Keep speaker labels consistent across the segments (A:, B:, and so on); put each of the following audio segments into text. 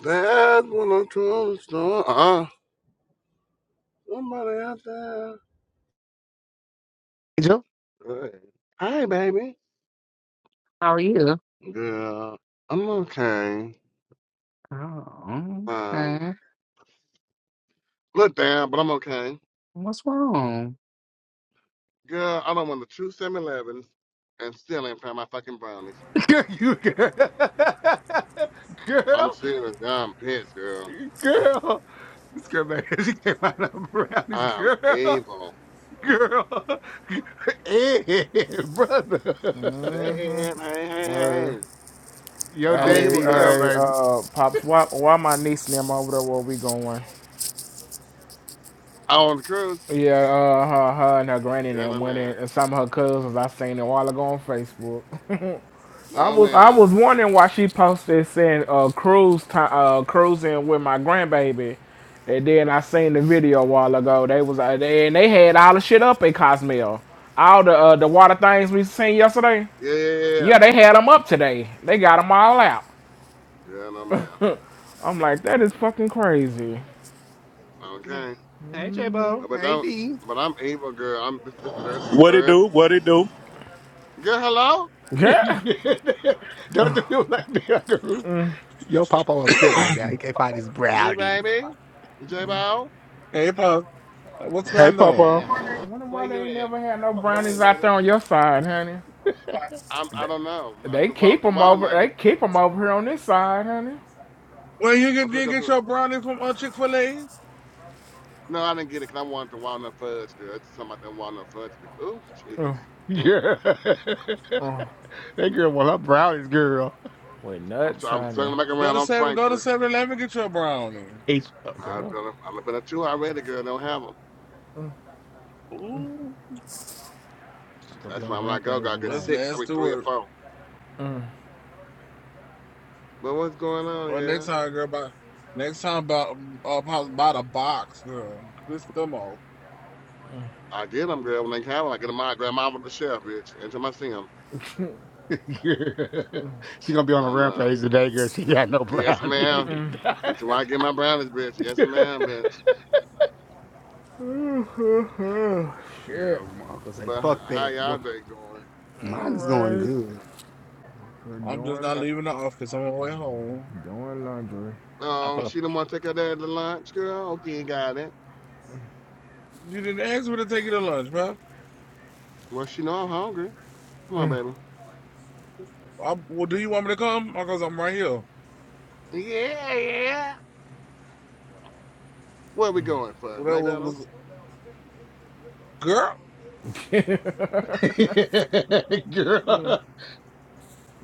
A: That's what I'm trying to start. Uh, somebody out there.
B: Angel?
A: Hey, Hey, baby.
B: How are you?
A: Girl, I'm okay.
B: Oh,
A: Um,
B: okay.
A: look down, but I'm okay.
B: What's wrong?
A: Girl, I don't want the true 7-Elevens and still ain't found my fucking brownies.
B: Girl, you girl.
A: I'm
B: girl,
A: serious. Girl, I'm pissed, girl.
B: girl. This girl, man, she came out of around this
A: I'm
B: girl,
A: evil.
B: girl, and brother.
A: Hey, hey, hey, hey,
C: Hey,
A: hey.
B: Your
A: I'm
C: hey,
A: evil,
B: daddy need help,
A: girl.
C: hey,
B: baby.
C: uh, pops, why, why my niece and them over there where we going?
A: I want the cruise.
C: Yeah, uh, her, her and her granny and
A: Yeah,
C: them
A: no,
C: went in,
A: ma'am.
C: and some of her cousins I seen a while ago on Facebook. I
A: No,
C: was, I
A: ma'am.
C: was wondering why she posted saying, uh, cruise time, uh, cruising with my grandbaby. And then I seen the video a while ago. They was, uh, they, and they had all the shit up at Cosmel. All the, uh, the water things we seen yesterday.
A: Yeah, yeah, yeah.
C: Yeah, they had them up today. They got them all out.
A: Yeah, no, ma'am.
C: I'm like, that is fucking crazy.
B: Yeah.
A: Okay.
B: Hey, J-Bo.
A: But
B: Hey,
A: I'm,
B: D.
A: but I'm evil, girl. I'm this is third, it's the
D: What it
A: third.
D: do? What it do?
A: Girl, hello,
C: Yeah.
B: Don't do it like that, girl. Your papa upset right now. He can't find his
A: big
B: brownies.
A: baby, J Bo.
E: Hey, pop. what's
D: Hey,
E: going on?
D: Papa.
A: Hey,
C: I Wonder
A: where
C: why they
A: you
C: ain't
A: at?
C: never had no
A: Hey,
C: brownies out
A: baby.
C: there on your side, honey.
A: I'm. I
C: They,
A: don't know. I'm
C: they
A: the, wa-
C: keep
A: the
C: them over.
A: walnut.
C: They keep 'em over here on this side, honey.
E: Well, you
A: I'm
E: can
A: finna
E: you
A: go to.
E: get
A: The,
E: your brownie from uh, Chick Fil A.
A: no, I didn't get it 'cause I wanted the walnut fudge, girl. It's something about that walnut fudge. Oh,
C: Uh,
A: Jesus. Mm.
B: Girl. that
C: uh,
B: girl want her brownies, girl.
C: with
A: I'm. tr-
C: nuts,
A: I'm
C: honey.
A: circling back
E: Go
A: around
E: to
A: on
E: seven. Go to
A: Frankfurt.
E: Seven Eleven. Get your brownie.
B: H oh,
A: I've
B: girl.
A: been. I've been a two already, girl. Don't have 'em.
E: Ooh,
B: She gonna be
A: That's
B: on
A: why
B: a
A: I'm like, go,
B: rampage
A: go. I get
E: that's
B: tonight.
A: six. I mean,
E: nasty
A: three or
E: work.
A: four. But what's going on?
E: Well, next
A: yeah?
E: time, girl, buy next time about uh, buy buy the box, girl. Piss them off.
A: I get them, girl, when they come. I get 'em my grandma with the sheriff, bitch. Until I see 'em.
B: Girl. she gonna be on a
A: And, uh,
B: rampage today, girl. She got no
A: yes, ma'am.
B: brownies.
A: Until I get my brownies, bitch. Yes, ma'am, bitch.
C: Shit.
B: girl, my uncle say,
A: But
B: fuck
A: how
B: that.
A: y'all
B: Well,
A: day going?
C: All
B: mine is going
C: right.
B: good.
C: We're
E: I'm just
C: doing
E: not
C: the
E: leaving the office. I'm on my way home.
C: doing laundry.
B: I
A: Oh,
B: thought
A: she don't want to take her dad to lunch, girl? Okay, got it.
E: You didn't ask me to take you to lunch, bro.
A: Well, she know I'm hungry. Come on, baby.
E: I, well, do you want me to come? Because I'm right here.
A: Yeah, yeah. Where we going for?
E: Well, that was,
A: McDonald's?
E: was girl.
B: girl.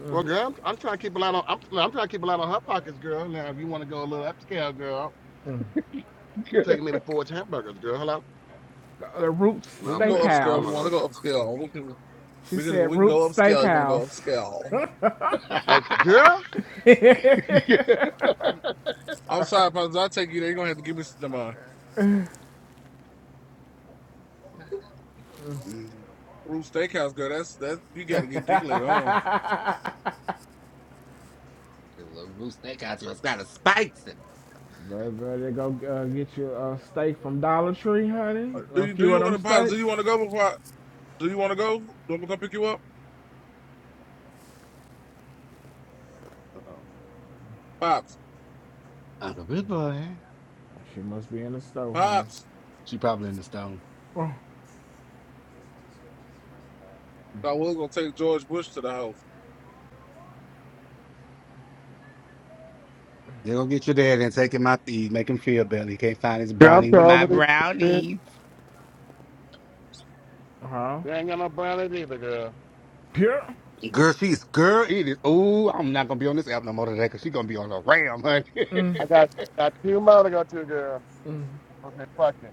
A: Well, girl, I'm, I'm trying to keep a lot on. I'm, no, I'm trying to keep a lot on her pockets, girl. Now, if you want to go a little upscale, girl,
B: girl.
A: take me to Ford's hamburgers, girl. Hello.
C: The, the Roots
A: No,
E: We can
A: I'm
E: go
A: playing.
E: upscale.
A: I'm
E: We
A: not
E: want to
C: Steakhouse.
A: hungry.
E: go upscale. We can
C: She
E: we can
C: said
E: we can go
C: Roots
E: upscale. You want to go
C: Steakhouse.
E: upscale?
A: Okay, girl.
E: I'm sorry, Pops. i take you there. You're gonna have to give me some uh,
B: Mm,
E: Root Steakhouse, girl. That's that's you gotta get dick later on.
B: Your little roost they got you. It's got a spikes. Uh
C: Better, better go uh, get you a steak from Dollar Tree, honey.
E: Uh, Do
C: A
E: you do
C: few
E: you
C: of them
E: wanna Pops, do
C: steaks.
E: you wanna go before I, do you wanna go? Do you want me to come pick you up?
B: oh.
E: Pops.
B: Uncle Big Boy.
C: She must be in the store, honey.
E: Pops.
B: She probably in the stone.
C: Oh,
E: So I was gonna take George Bush to the house.
B: They gonna get your dad and take him out to eat, make him feel better. He can't find his
A: Girl, I'm
B: brownie
A: sorry
B: with my
A: over this bitch.
B: brownie.
C: huh?
A: They ain't got no brothers either, girl.
C: Pure?
B: Girl, she's girl. It is. Oh, I'm not gonna be on this app no more today because she's gonna be on a ram, honey.
A: I got I got two more to go to, girl. Okay, fuck it.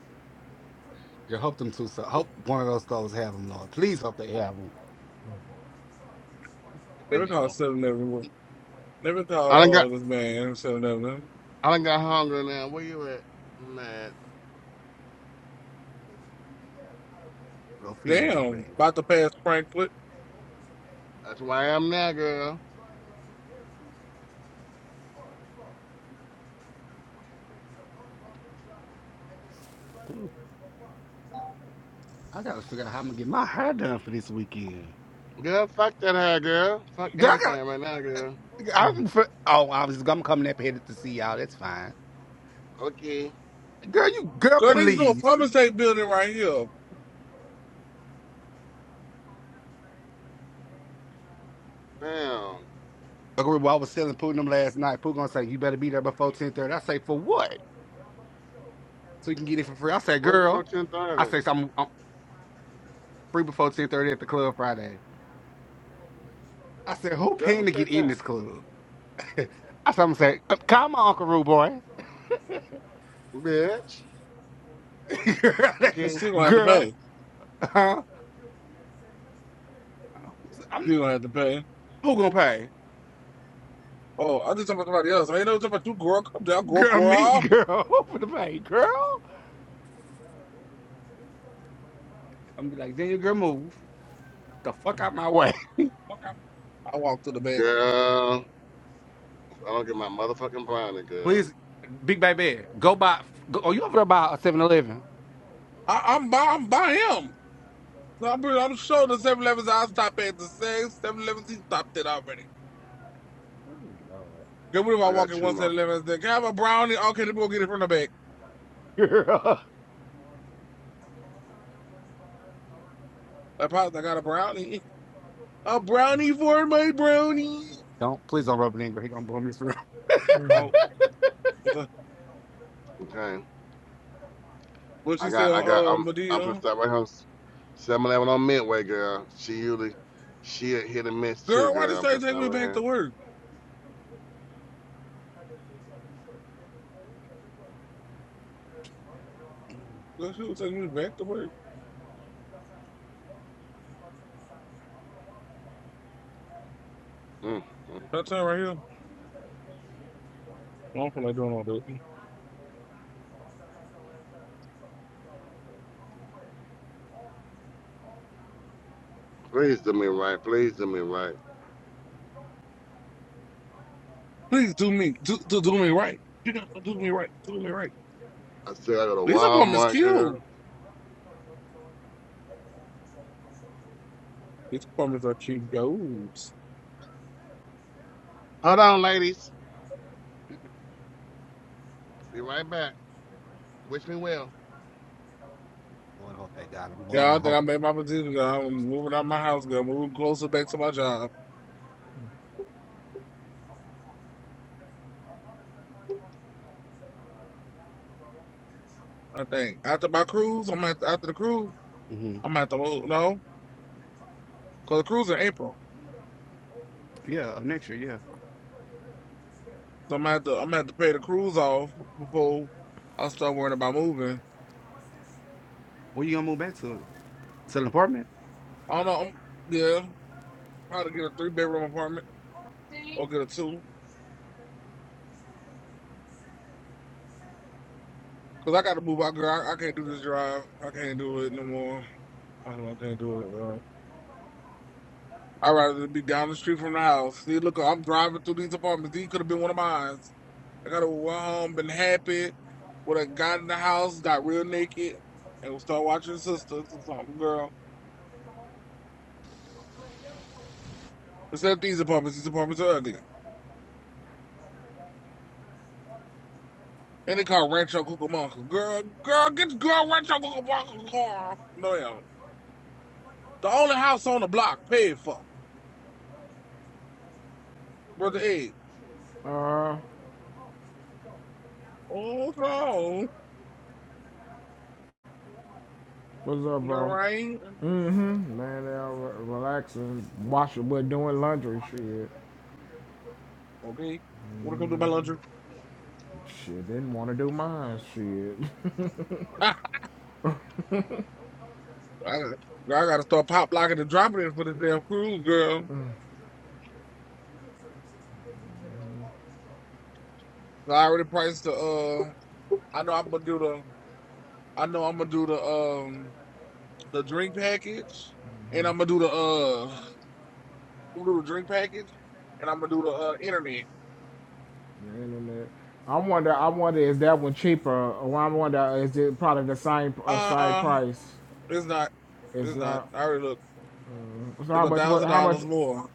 B: Girl, hope them two. So hope one of those stores have them, Lord. Please hope they have them. This
E: Never
B: man
E: call
B: won't
E: seven everyone. Never call
A: I done got
E: oh this man seven eleven.
A: I done got hungry now. Where you at? I'm mad.
B: go feed them big
E: Damn,
B: baby.
E: about to pass Frankfurt.
A: That's where I am now, girl.
B: Ooh, I gotta figure out how I'm gonna get my hair done for this weekend.
A: Girl, fuck that hair, girl. Fuck
B: Girl, I
A: everything right now, girl.
B: gotta. I'm for, oh, I was. I'm coming up here to see y'all. That's fine.
A: Okay.
B: Girl, you girl,
E: Girl, these little
B: please.
E: plumbing state building right here.
A: Damn.
B: Like, remember I was selling Pooh them last night. Pooh gonna say, "You better be there before ten 30. I say, "For what?" so you can get it for free. I said,
A: What's it for
B: girl,
A: ten
B: I
A: thirty?
B: said, so I'm, I'm free before 1030 at the club Friday. I said, who
A: Girl, who
B: paying to
A: said
B: get in
A: that?
B: this club? I said, I'm gonna say, "Uh, call my Uncle Rude Boy.
A: Bitch.
E: We
A: Okay.
E: still gonna have to
B: girl,
E: pay.
B: huh? I'm,
E: Still gonna have to pay.
B: who gonna pay?
E: Oh, I just talking about somebody else. I ain't know talking about you, girl. Come down, girl,
B: Girl, me,
E: girl.
B: girl. Who for the pay, girl? I'm be like, then your girl move the fuck out my way.
E: I walked to the back.
A: Girl. I don't get my motherfucking brownie, girl.
B: Please, Big Baby, go buy, go, oh, you over there by a Seven Eleven?
E: I, I'm by I'm by him. No, I'm, I'm sure the 7 Elevens I stop at the six. 7 he stopped it already.
B: Oh,
E: Good what if I
A: I
E: walk
A: got
E: in
A: two
E: one
A: more.
E: Seven Eleven? Eleven then can I have a brownie? Okay, then we'll get it from the back.
B: Lord. Girl.
E: I pops, I got a brownie. A brownie for my brownie.
B: Don't, please don't rub it in, girl. He gonna blow me through.
E: Oh, what's that?
A: Okay.
E: what
A: I
E: she say
A: got, I got,
E: on uh
A: I'm, I'm
E: Medea?
A: inside my house. Seven Eleven on Midway, girl. She usually, she a hit and miss too,
E: Girl, why
A: girl.
E: did
A: I'm
E: they take
A: inside
E: me
A: right
E: back to
A: here.
E: work? Girl, she was taking me back to work.
A: Mm, mm.
E: That time right here. I don't feel like doing all that.
A: Please do me right. Please do me right.
E: Please do me do, do, do me right. You gotta do me right. Do me right.
A: I said I go to
E: These apartments
A: Walmart,
E: cute.
A: girl.
E: These apartments are cute gold.
A: Hold on, ladies. Be right back. Wish me well.
B: Lord, I hope they got him. Lord,
E: Yeah, I
B: I
E: think
B: hope.
E: I made my decision. girl. I'm moving out my house, girl. Moving closer back to my job. I think after my cruise, I'm at after the cruise, I'm gonna have to move. No, cause the cruise in April,
B: Yeah, uh, next year. Yeah.
E: so I'm gonna have to I'm gonna have to pay the cruise off before I start worrying about moving.
B: Where you gonna move back to? To an apartment?
E: I don't know. I'm, yeah, probably get a three bedroom apartment or get a two. Cause I gotta move out, girl. I, I can't do this drive. I can't do it no more. I don't. know. I can't do it, girl. I'd rather be down the street from the house. See, look, I'm driving through these apartments. These could have been one of mine. I got to went home, been happy. When I got in the house, got real naked, and we start watching Sisters or something, girl. except these apartments, these apartments are ugly. And they call Rancho Cucamonga. Girl, girl, get the girl Rancho Cucamonga, girl. No, yeah. The only house on the block paid for. Brother Ed.
C: Uh,
E: Oh, what's wrong?
C: what's up,
E: You all
C: bro?
E: right?
C: Mm-hmm. Laying there, re- relaxing, washing, but doing laundry, shit.
E: Okay. Wanna come do my laundry?
C: Shit, didn't want to do mine, shit.
E: I, gotta- girl, I gotta start pop locking and dropping it for this damn cruise, girl. I already priced the, uh, I know I'm gonna do the I know I'm gonna do the um the drink package, and I'm gonna do the uh I'm gonna do the drink package, and I'm gonna do the uh internet.
C: the internet. I wonder, I wonder, is that one cheaper? Or I wonder, is it probably the same, uh,
E: Uh
C: same
E: uh,
C: price?
E: it's not,
C: It's
E: it's not.
C: not.
E: I already look.
C: So how
E: It's a
C: much? What?
E: thousand
C: How much?
E: dollars more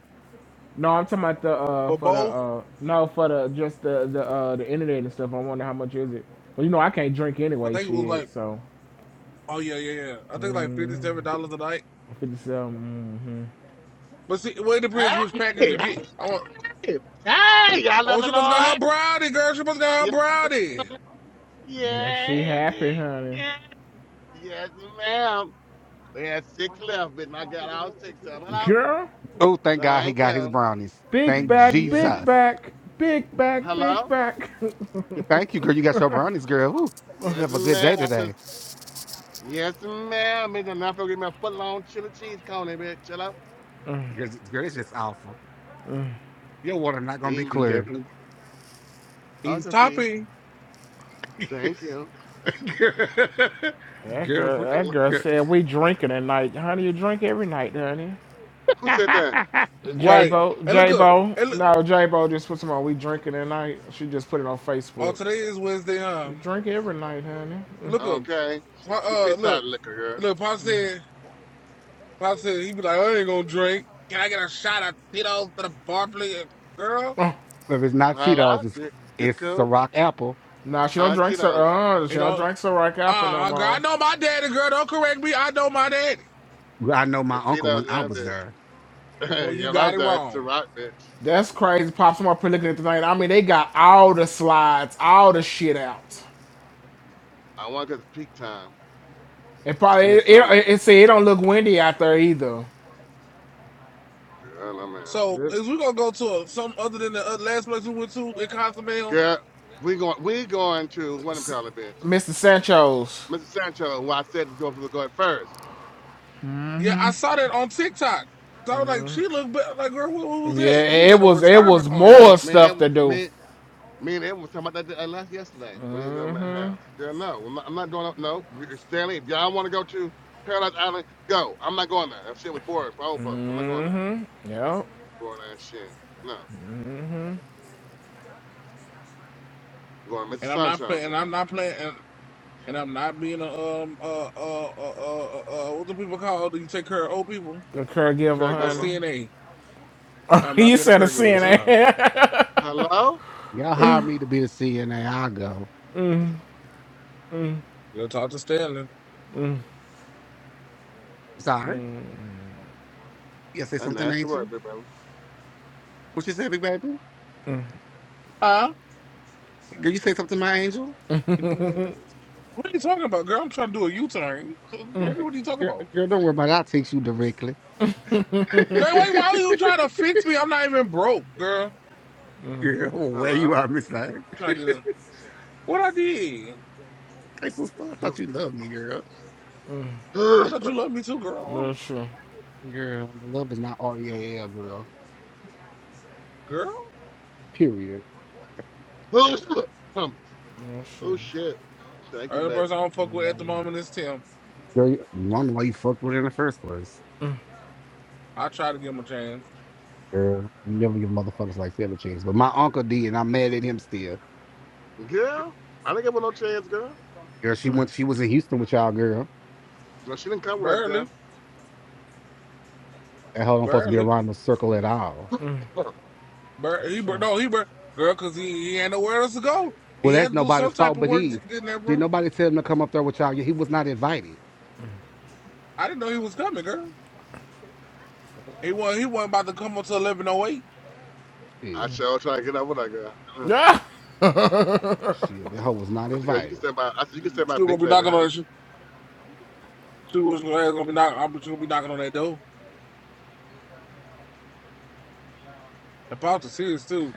C: No, I'm talking about the uh
E: for
C: for the
E: both.
C: uh no for the just the the uh the internet and stuff. I wonder how much is it. Well, you know I can't drink
E: I
C: anyway,
E: think it was
C: shit.
E: like
C: So
E: oh yeah yeah yeah. I think like fifty
C: mm,
E: seven dollars a night.
C: fifty-seven.
E: But see, well it depends which
A: Hey,
E: package
A: hey,
E: you get. I want.
A: hey, y'all love
E: Oh,
A: the
E: she must got her
A: Lord.
E: brownie, girl. She must got her
A: Yeah,
E: brownie.
C: Mm-hmm. Yeah, she
A: yeah,
C: happy, honey.
A: yeah. yes, ma'am. They had six left, but I got all six of them. Hello,
C: Girl,
B: Oh, thank God he
A: thank
B: got his
A: you.
B: brownies.
C: big
B: Thank
C: back,
A: Yes,
C: big
B: Jesus.
C: back, big back,
A: hello.
C: big back.
B: Yeah, Thank you, girl. You got your brownies, girl. Woo. We
A: Yes,
B: have a good
A: ma'am.
B: day
A: I
B: today.
A: says, yes, ma'am. Bitch, I'm not gonna get me a foot long chili cheese cone, eh, bitch. Chill out.
B: Girl, girl, it's just awful. Your water not gonna
A: Hey,
B: be
A: ma-
E: He
B: clear.
E: definitely
A: oh, it's
E: he's
A: okay.
E: topping
A: Thank you.
B: Girl,
C: that
B: girl,
C: girl,
B: for,
A: Like,
C: that
A: wh-
C: girl
B: girl.
C: said we drinking at night, honey. You drink every night, honey.
A: who
B: If
A: said that?
C: J
E: right.
C: Bo,
E: And look
C: J
E: up.
C: Bo,
E: And look,
C: no J Bo just put some on. We drinking at night. She just put it on
E: oh,
C: Facebook.
E: today is Wednesday, huh?
C: You drink every night, honey.
E: Look up.
A: Okay.
E: Pa-
A: She
E: Uh,
A: pissed out
E: look,
A: liquor, girl.
E: look, Pop said, Pop said, he be like, I ain't gonna drink. Can I get a shot of Tito's for the bar, please? Girl,
C: Oh,
B: it's not
A: Hello?
B: Tito's, it's
A: You you
B: it's
A: cool?
B: Ciroc apple.
C: nah, she don't
A: Uh,
C: drink so.
A: Cheetos.
C: Uh,
E: you
C: she don't
E: know,
C: drink so right apple no
E: uh, girl, I
C: more.
E: know my daddy, girl. Don't correct me. I know my daddy.
B: Well, I know my
A: It's
B: uncle when
A: Cheetos
B: I
A: now,
B: was
A: bitch.
B: there.
E: Well,
A: yeah,
E: you
A: I
E: got
A: was
E: it
A: there, it's the
E: wrong.
A: rock, bitch.
C: That's crazy. Pops I'm up here looking at the thing. I mean, they got all the slides, all the shit out.
A: I want because peak time,
C: It probably it it,
A: midsummer.
C: it, it it don't look windy out there either.
A: Girl, I'm out.
E: So,
C: It-
E: is we gonna go to a, something other than the uh, last place we went to in Cozumel?
A: Girl, we going, we going to, what do you
C: S-
A: call it, bitch?
C: Mr. Sancho's.
A: Mr. Sancho, who I said was going to go first.
E: Yeah, I saw that on TikTok. So I was like, she looked be- like, girl, who, who was
C: Yeah,
E: that? Who was
C: it
E: at a
C: was it
E: retirement
C: was
E: home?
A: Girl,
C: more
A: man, me,
C: stuff
A: and-
C: to do.
A: me Me and Evan was talking about that uh, last yesterday when he was at my
C: Mm-hmm.
A: house. Girl, no, I'm not, I'm not doing that. No, Stanley, if y'all want to go to Paradise Island, go. I'm not going there. That shit was boring for old folks. I'm not going there.
C: Yep.
A: Boring ass shit. No, I'm going to Mr.
E: And I'm not
A: Sunshine's
E: playing. And I'm
A: girl.
E: not playing. And, and I'm not being a um uh uh uh uh, uh uh, what do people call? Do you take care of old people?
C: The caregiver,
E: I'll
A: Caregiver.
C: honey.
E: CNA. I'm not
C: you
E: being a
C: said a
E: caregiver
C: sin,
E: this
A: Good.
C: eh?
E: time.
A: Hello.
B: Y'all hire me to be the CNA. I'll go.
E: You'll talk to Stanley.
B: Sorry. You say
A: And
B: something,
A: that's the
B: Angel?
A: word, big baby.
B: What you say, big baby?
E: Huh?
B: Girl, you say
A: Um,
B: something, my angel? Girl,
E: What are you talking about, girl? I'm trying to do a U-turn. So, What, what are you talking
B: girl,
E: about?
B: girl don't worry about it. I'll teach you directly.
E: Girl, wait, why are you trying to fix me? I'm not even broke, girl. I'm
B: girl, where you
A: Hello.
B: are, Miss Lang.
E: trying to get in. What I did?
B: Hey, sister, I
A: You.
B: thought you loved me, girl.
E: I thought you loved me too, girl.
C: That's true.
B: Girl, love is not R-E-A-L, girl.
E: Girl?
B: Period.
A: Um,
C: That's true.
A: oh shit. Thank you,
E: Only
A: baby.
E: person I don't fuck with at the moment is Tim.
B: Girl, you you wonder why you fucked with her in the first place.
E: I try to give him a chance.
B: Girl, you never give motherfuckers like that a chance. But my uncle did, and I'm mad at him still.
A: Girl, I didn't give her no chance, girl.
B: Girl, she went. She was in Houston with y'all, girl.
A: No, she didn't come with that
E: Barely.
A: girl.
B: That hell don't supposed to be
E: Barely.
B: around the circle at all.
E: Barely. He,
C: That's
E: bur-
C: true.
E: no, he, bur- girl, because he, he ain't nowhere else to go.
B: Well,
E: He
B: that's
E: had to do some
B: nobody's
E: type
B: fault
E: of
B: but
E: work to
B: his.
E: get in that
B: Did
E: room.
B: nobody tell him to come up there with y'all? Yeah, He was not invited.
E: I didn't know he was coming, girl.
B: Fuck
E: He wasn't, he wasn't about to come until 11.08.
A: I
B: Shit,
A: sure try to get up with that girl.
C: Yeah.
B: shit, that hoe was not
A: I said, girl, you can
B: invited.
A: stand by. I said, you can
E: You
A: stand by
E: Still gonna
A: Big
E: be
A: Baby,
E: knocking on
A: honey.
E: that shit. Still gonna gonna be knock, I'm just gonna be knocking on that door. The Pops is serious too.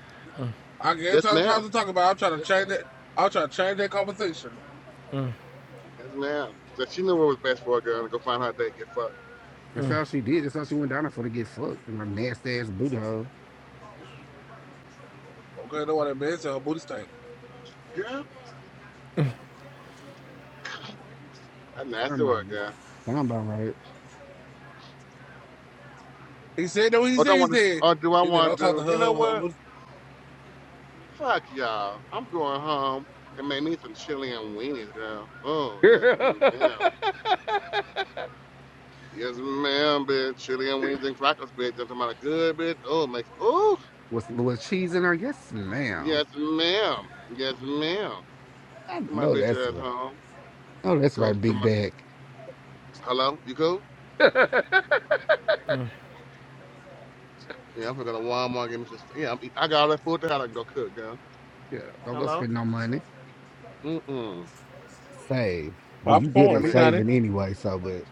E: I every
A: Yes,
E: time the
A: ma'am.
E: Pops is talking about, I'm trying to change that. I'm trying to change that conversation.
A: Yes, ma'am. She said, she knew what was best for a girl. and Go find her date, get fucked.
B: That's how she did. That's how she went down there for to get fucked and her nasty ass booty hole.
E: Okay, know what that man said. Her booty stank.
A: Girl, I
B: Sound
A: nasty
B: about
A: work,
B: me.
A: girl.
B: Sound about right.
E: He said no. He
A: Or
E: said
A: don't
E: he
A: want to,
E: said.
A: or do I
E: He said I'll
A: want to
E: talk to
A: do, you
E: her.
A: know
E: her, her
A: what?
E: booty-
A: Fuck y'all. I'm going home and make me some chili and weenies, girl. Oh, yes, ma'am. Yes, ma'am, bitch. Chili and weenies and crackers, bitch. That's my good, bitch. Oh, make, oh,
B: Was was cheese in her? Yes, ma'am.
A: yes, ma'am. Yes, ma'am.
B: I
A: To my
B: know
A: bitch
B: that's
A: ass
B: right.
A: home.
B: Oh, that's
A: Come,
B: right,
A: come,
B: big
A: my,
B: bag.
A: hello? You cool? Yeah, I'm gonna go to Walmart Give me some. st- Yeah, I'm, I got all that food to have. I can go cook, girl.
B: Yeah, don't go
A: Hello.
B: spend no money.
A: Mm-mm.
B: Save. Well, you good
A: Give
E: popcorn.
B: at
E: He
A: me.
E: got it.
B: saving anyway, so but.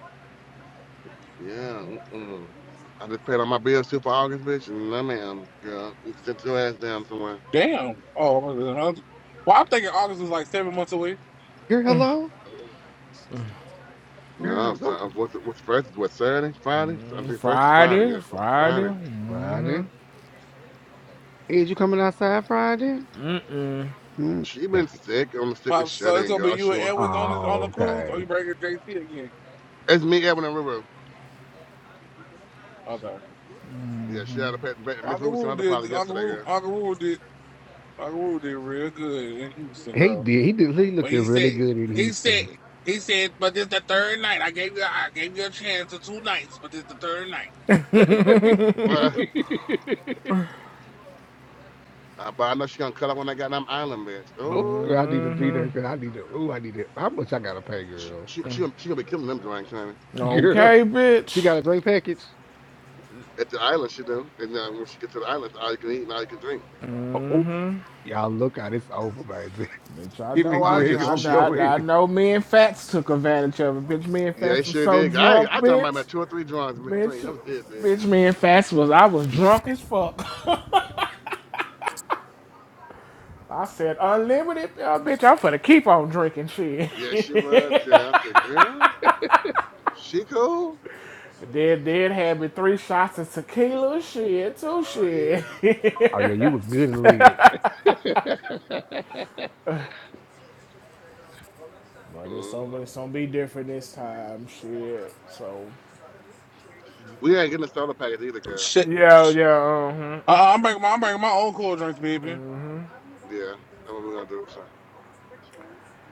A: Yeah. Mm-mm. I just paid all my bills too for August, bitch. No, ma'am, girl. Sit your ass down somewhere.
E: Damn. Oh, was it August? well, I'm thinking August is like seven months away.
B: Girl, hello?
A: No,
B: Girl,
A: so
B: go.
A: uh, what's what's first? Is What Saturday, Friday? I mean, first is Friday.
C: Friday,
A: Yeah, fr-
C: Friday.
A: Friday.
C: hmm
B: Friday. Is you coming outside Friday? Mm,
A: She been
B: dang.
A: sick on the sickest
E: Pops,
A: shut
E: so it's
A: in,
E: gonna be
A: girl.
E: you
A: She
E: and
A: want.
E: Edwin on the on the
B: Oh,
E: cruise, or
B: okay.
E: you bringing JT again?
A: It's me, Evan and Ruru.
E: Okay.
A: Yeah, she had a pet. Miss
E: Uncle
A: Ruru sent
E: Roo
A: out the
E: did.
A: pilot
E: Uncle
A: yesterday,
E: Roo.
A: girl.
E: Uncle Roo did. Uncle Roo did real good in Houston,
B: He
E: girl.
B: did. He did. He looked
E: But he
B: really
E: said,
B: good in
E: he said,
B: Houston.
E: he said, but this the third night. I gave you, I gave you a chance for two nights, but this the third night.
A: Well, I, but I know she gonna cut up when I got on them Island, bitch.
B: Oh,
A: Oh.
B: girl, I need to be
C: hmm
B: there. Girl, I need to. Oh, I need to. How much I gotta pay,
A: she
B: girl?
A: she she gonna, she gonna be killing them Joanne County.
B: Girl,
C: Okay,
B: she
C: bitch.
B: got a great package.
A: At the island, she do. And then when she get to the island, all you can eat and all you can drink.
B: Oh, oh. y'all look out. It's over, baby.
C: Bitch, I
B: Him
C: know
B: and
C: I,
A: Oh yeah,
B: Greg
A: she,
B: gonna
A: she
C: I,
B: go
C: I, I
B: in. it.
C: know me and Fats took advantage of it. Bitch, me and
A: yeah, they
C: Fats was
A: sure
C: so
A: did. I
C: drunk,
A: I done my, my
C: bitch.
A: two or three drawings drink. That
C: Bitch,
A: was it, man.
C: bitch, me and Fats was, I was drunk as fuck. I said, unlimited, uh, bitch, I'm finna keep on drinking shit.
A: Yeah, she was. Yeah, I said, girl, she cool.
C: then, then had me three shots of tequila, shit, too,
A: Oh
C: shit.
A: yeah.
B: Oh
C: but
B: yeah, you was good in the league.
C: it's, over,
A: hmm
C: it's gonna be different this time, shit. So.
A: We ain't getting a starter package either, girl.
E: Shit.
C: Yeah, yeah. uh
E: Uh, I'm bringing my, I'm bringing my own cold drinks, baby.
A: Yeah, that's what we're gonna do this time.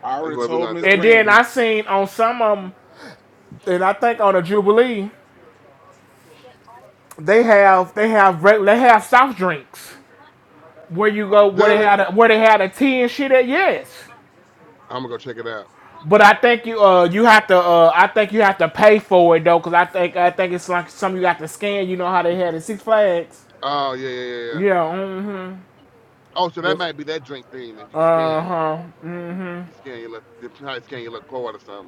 E: I
A: That's
E: already
A: what we're
E: told
A: gonna
E: Miss
A: do
C: And
A: this
C: then
A: time.
C: I
E: Brandy.
C: seen on some of them, and I think on the Jubilee, they have they have reg- they have soft drinks where you go where they
A: Dirty.
C: had a, where they had a tea and shit at. Yes,
A: I'm gonna go check it out.
C: but I think you uh you have to uh I think you have to pay for it though because I think I think it's like something you got to scan. You know how they had at Six Flags.
A: Oh yeah, yeah, yeah. yeah.
C: Yeah. Mm-hmm.
A: Oh, so that
C: Just.
A: might be that drink thing, and you scan
C: Uh
A: it.
C: huh. Mm
A: You
C: hmm.
A: scan your little, you probably scan your little card or something.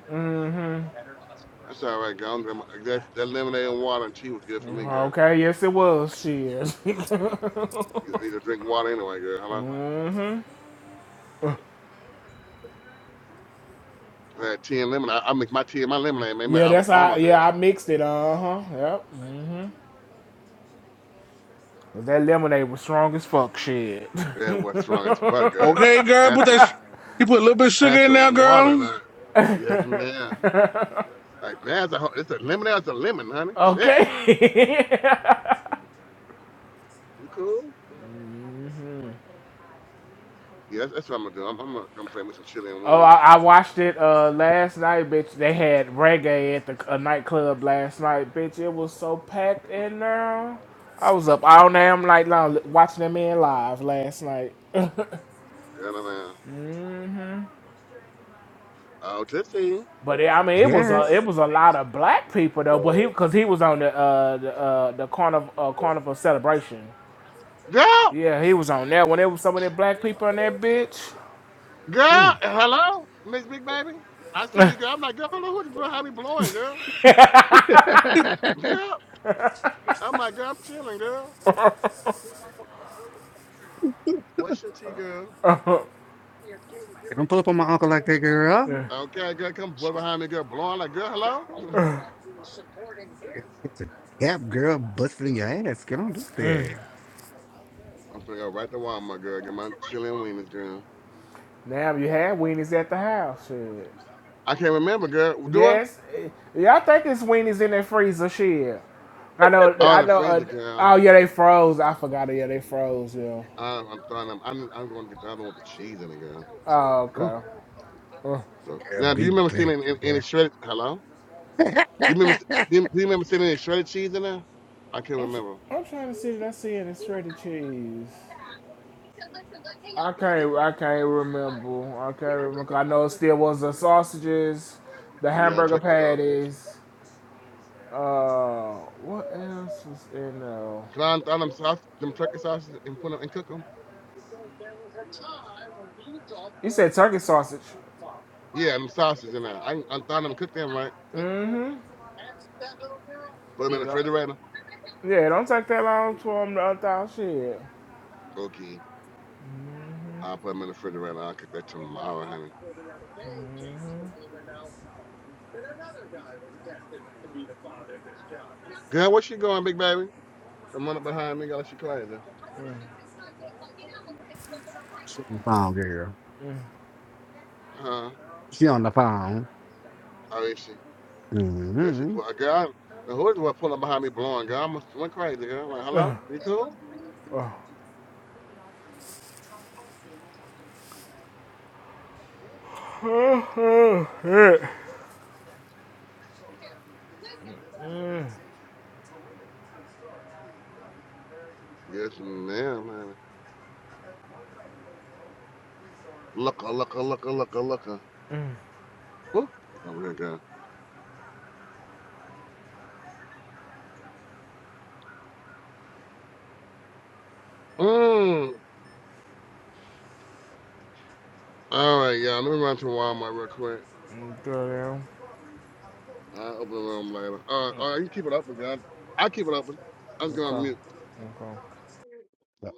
A: That's all right, girl. I'm- I'm- That, that lemonade and water and tea was good for me, girl.
C: Okay. Yes, it was. Shit.
A: You need to drink water anyway, girl. Hello?
C: mm-hmm.
A: I had tea and lemon. I, I make my tea and my lemonade, man.
C: Yeah,
A: Out of
C: that's how.
A: Palmer,
C: Yeah,
A: bitch.
C: I mixed it. Uh huh. Yep. That lemonade was strong as fuck. Shit.
A: That was strong as fuck, girl.
E: Okay, girl,
A: Add
E: put that. sh-
A: some,
E: You put a little bit of
A: add
E: sugar in there,
A: some water
E: girl.
A: now. Yes, ma'am. Like, that's a, whole- it's a lemonade, it's a lemon, honey. Shit.
C: okay.
A: You cool? Yeah, that's, that's what I'm gonna do. I'm, I'm gonna, I'm gonna make some chili and
C: oh,
A: weenies.
C: I, I watched it uh last night, bitch. They had reggae at the a nightclub last night, bitch. It was so packed in there. I was up all damn night long watching them in live last night.
A: Girl, man. Oh, just see you.
C: But it, I mean, it was a it
B: yes.
C: was a lot of black people though. But he because he was on the uh the uh, the carnival uh, carnival celebration.
A: Girl!
C: Yeah, he was on that. When there was some of them black people on that bitch,
B: Hmm.
A: Girl! Hello? Miss Big Baby? I see you, girl. I'm like, girl, hello, who's, how we blowing, girl? Girl, I'm like, girl, I'm chilling, girl. What's your tea, girl?
B: They Don't pull up on my uncle like that, girl.
C: yeah.
A: Okay, girl, come put behind me, girl. Blowing like, girl, hello?
B: It's a gap, girl, busting your ass. Girl, don't do that.
A: I'm gonna go right to Walmart, girl. Get my chili and wieners, girl.
C: now you had weenies at the house. Shit.
A: I can't remember, girl. Do I?
C: Yes, eh, y'all think it's weenies in that freezer? Shit. I know.
A: Oh, in
C: I
A: the
C: know.
A: freezer,
C: Uh,
A: girl.
C: oh yeah, they froze. I forgot. Yeah, they froze. Yeah.
A: I'm, I'm throwing them. I'm, I'm going to get the other one with the cheese in it, girl.
C: Oh
A: Ooh.
C: okay. Uh,
A: So
B: Girl,
A: now, do you
B: big
A: remember seeing
B: bitch.
A: any, any
B: Girl.
A: shredded? Hello? Do you remember? Do you, do you remember seeing any shredded cheese in there? I can't
C: I'm,
A: remember.
C: I'm trying to see what I see in the shredded cheese. I can't. I can't remember. I can't remember. remember. I know it still was the sausages, the
A: Yeah,
C: hamburger
A: turkey sausage.
C: patties. Uh, what else is in there?
A: Can I unthaw them sausage, them turkey sausages and put them and cook them?
C: You said turkey sausage.
A: Yeah, them sausages in there. I can unthaw them, and cook them, right?
C: Mm-hmm.
A: Put them in
C: You
A: the
C: know.
A: refrigerator.
C: Yeah, don't take that long for them to unthaw shit.
A: Okay. I'll put them in the refrigerator. I'll cook that tomorrow, honey. Girl, where she going, big baby? Come run up behind me, girl. She crazy.
B: she on the phone, girl.
A: Huh?
B: She on the phone.
A: Oh, is she? Girl, she
B: Mm-hmm.
A: pull. Girl, the hood was pulling behind me, blowing. Girl, I almost went crazy. Girl, like, hello? You cool?
C: Uh, uh, uh, uh,
A: Yes, ma'am, honey. Looka, looka, looka, looka, looka. Woo. Over here, girl. Mmm. All right, y'all. Let me run to Walmart real quick. I'll open the room later. All right, all right. You can keep it open, girl. I'll keep it open. I'm just going
C: Okay.
A: to mute.
C: Okay.
B: So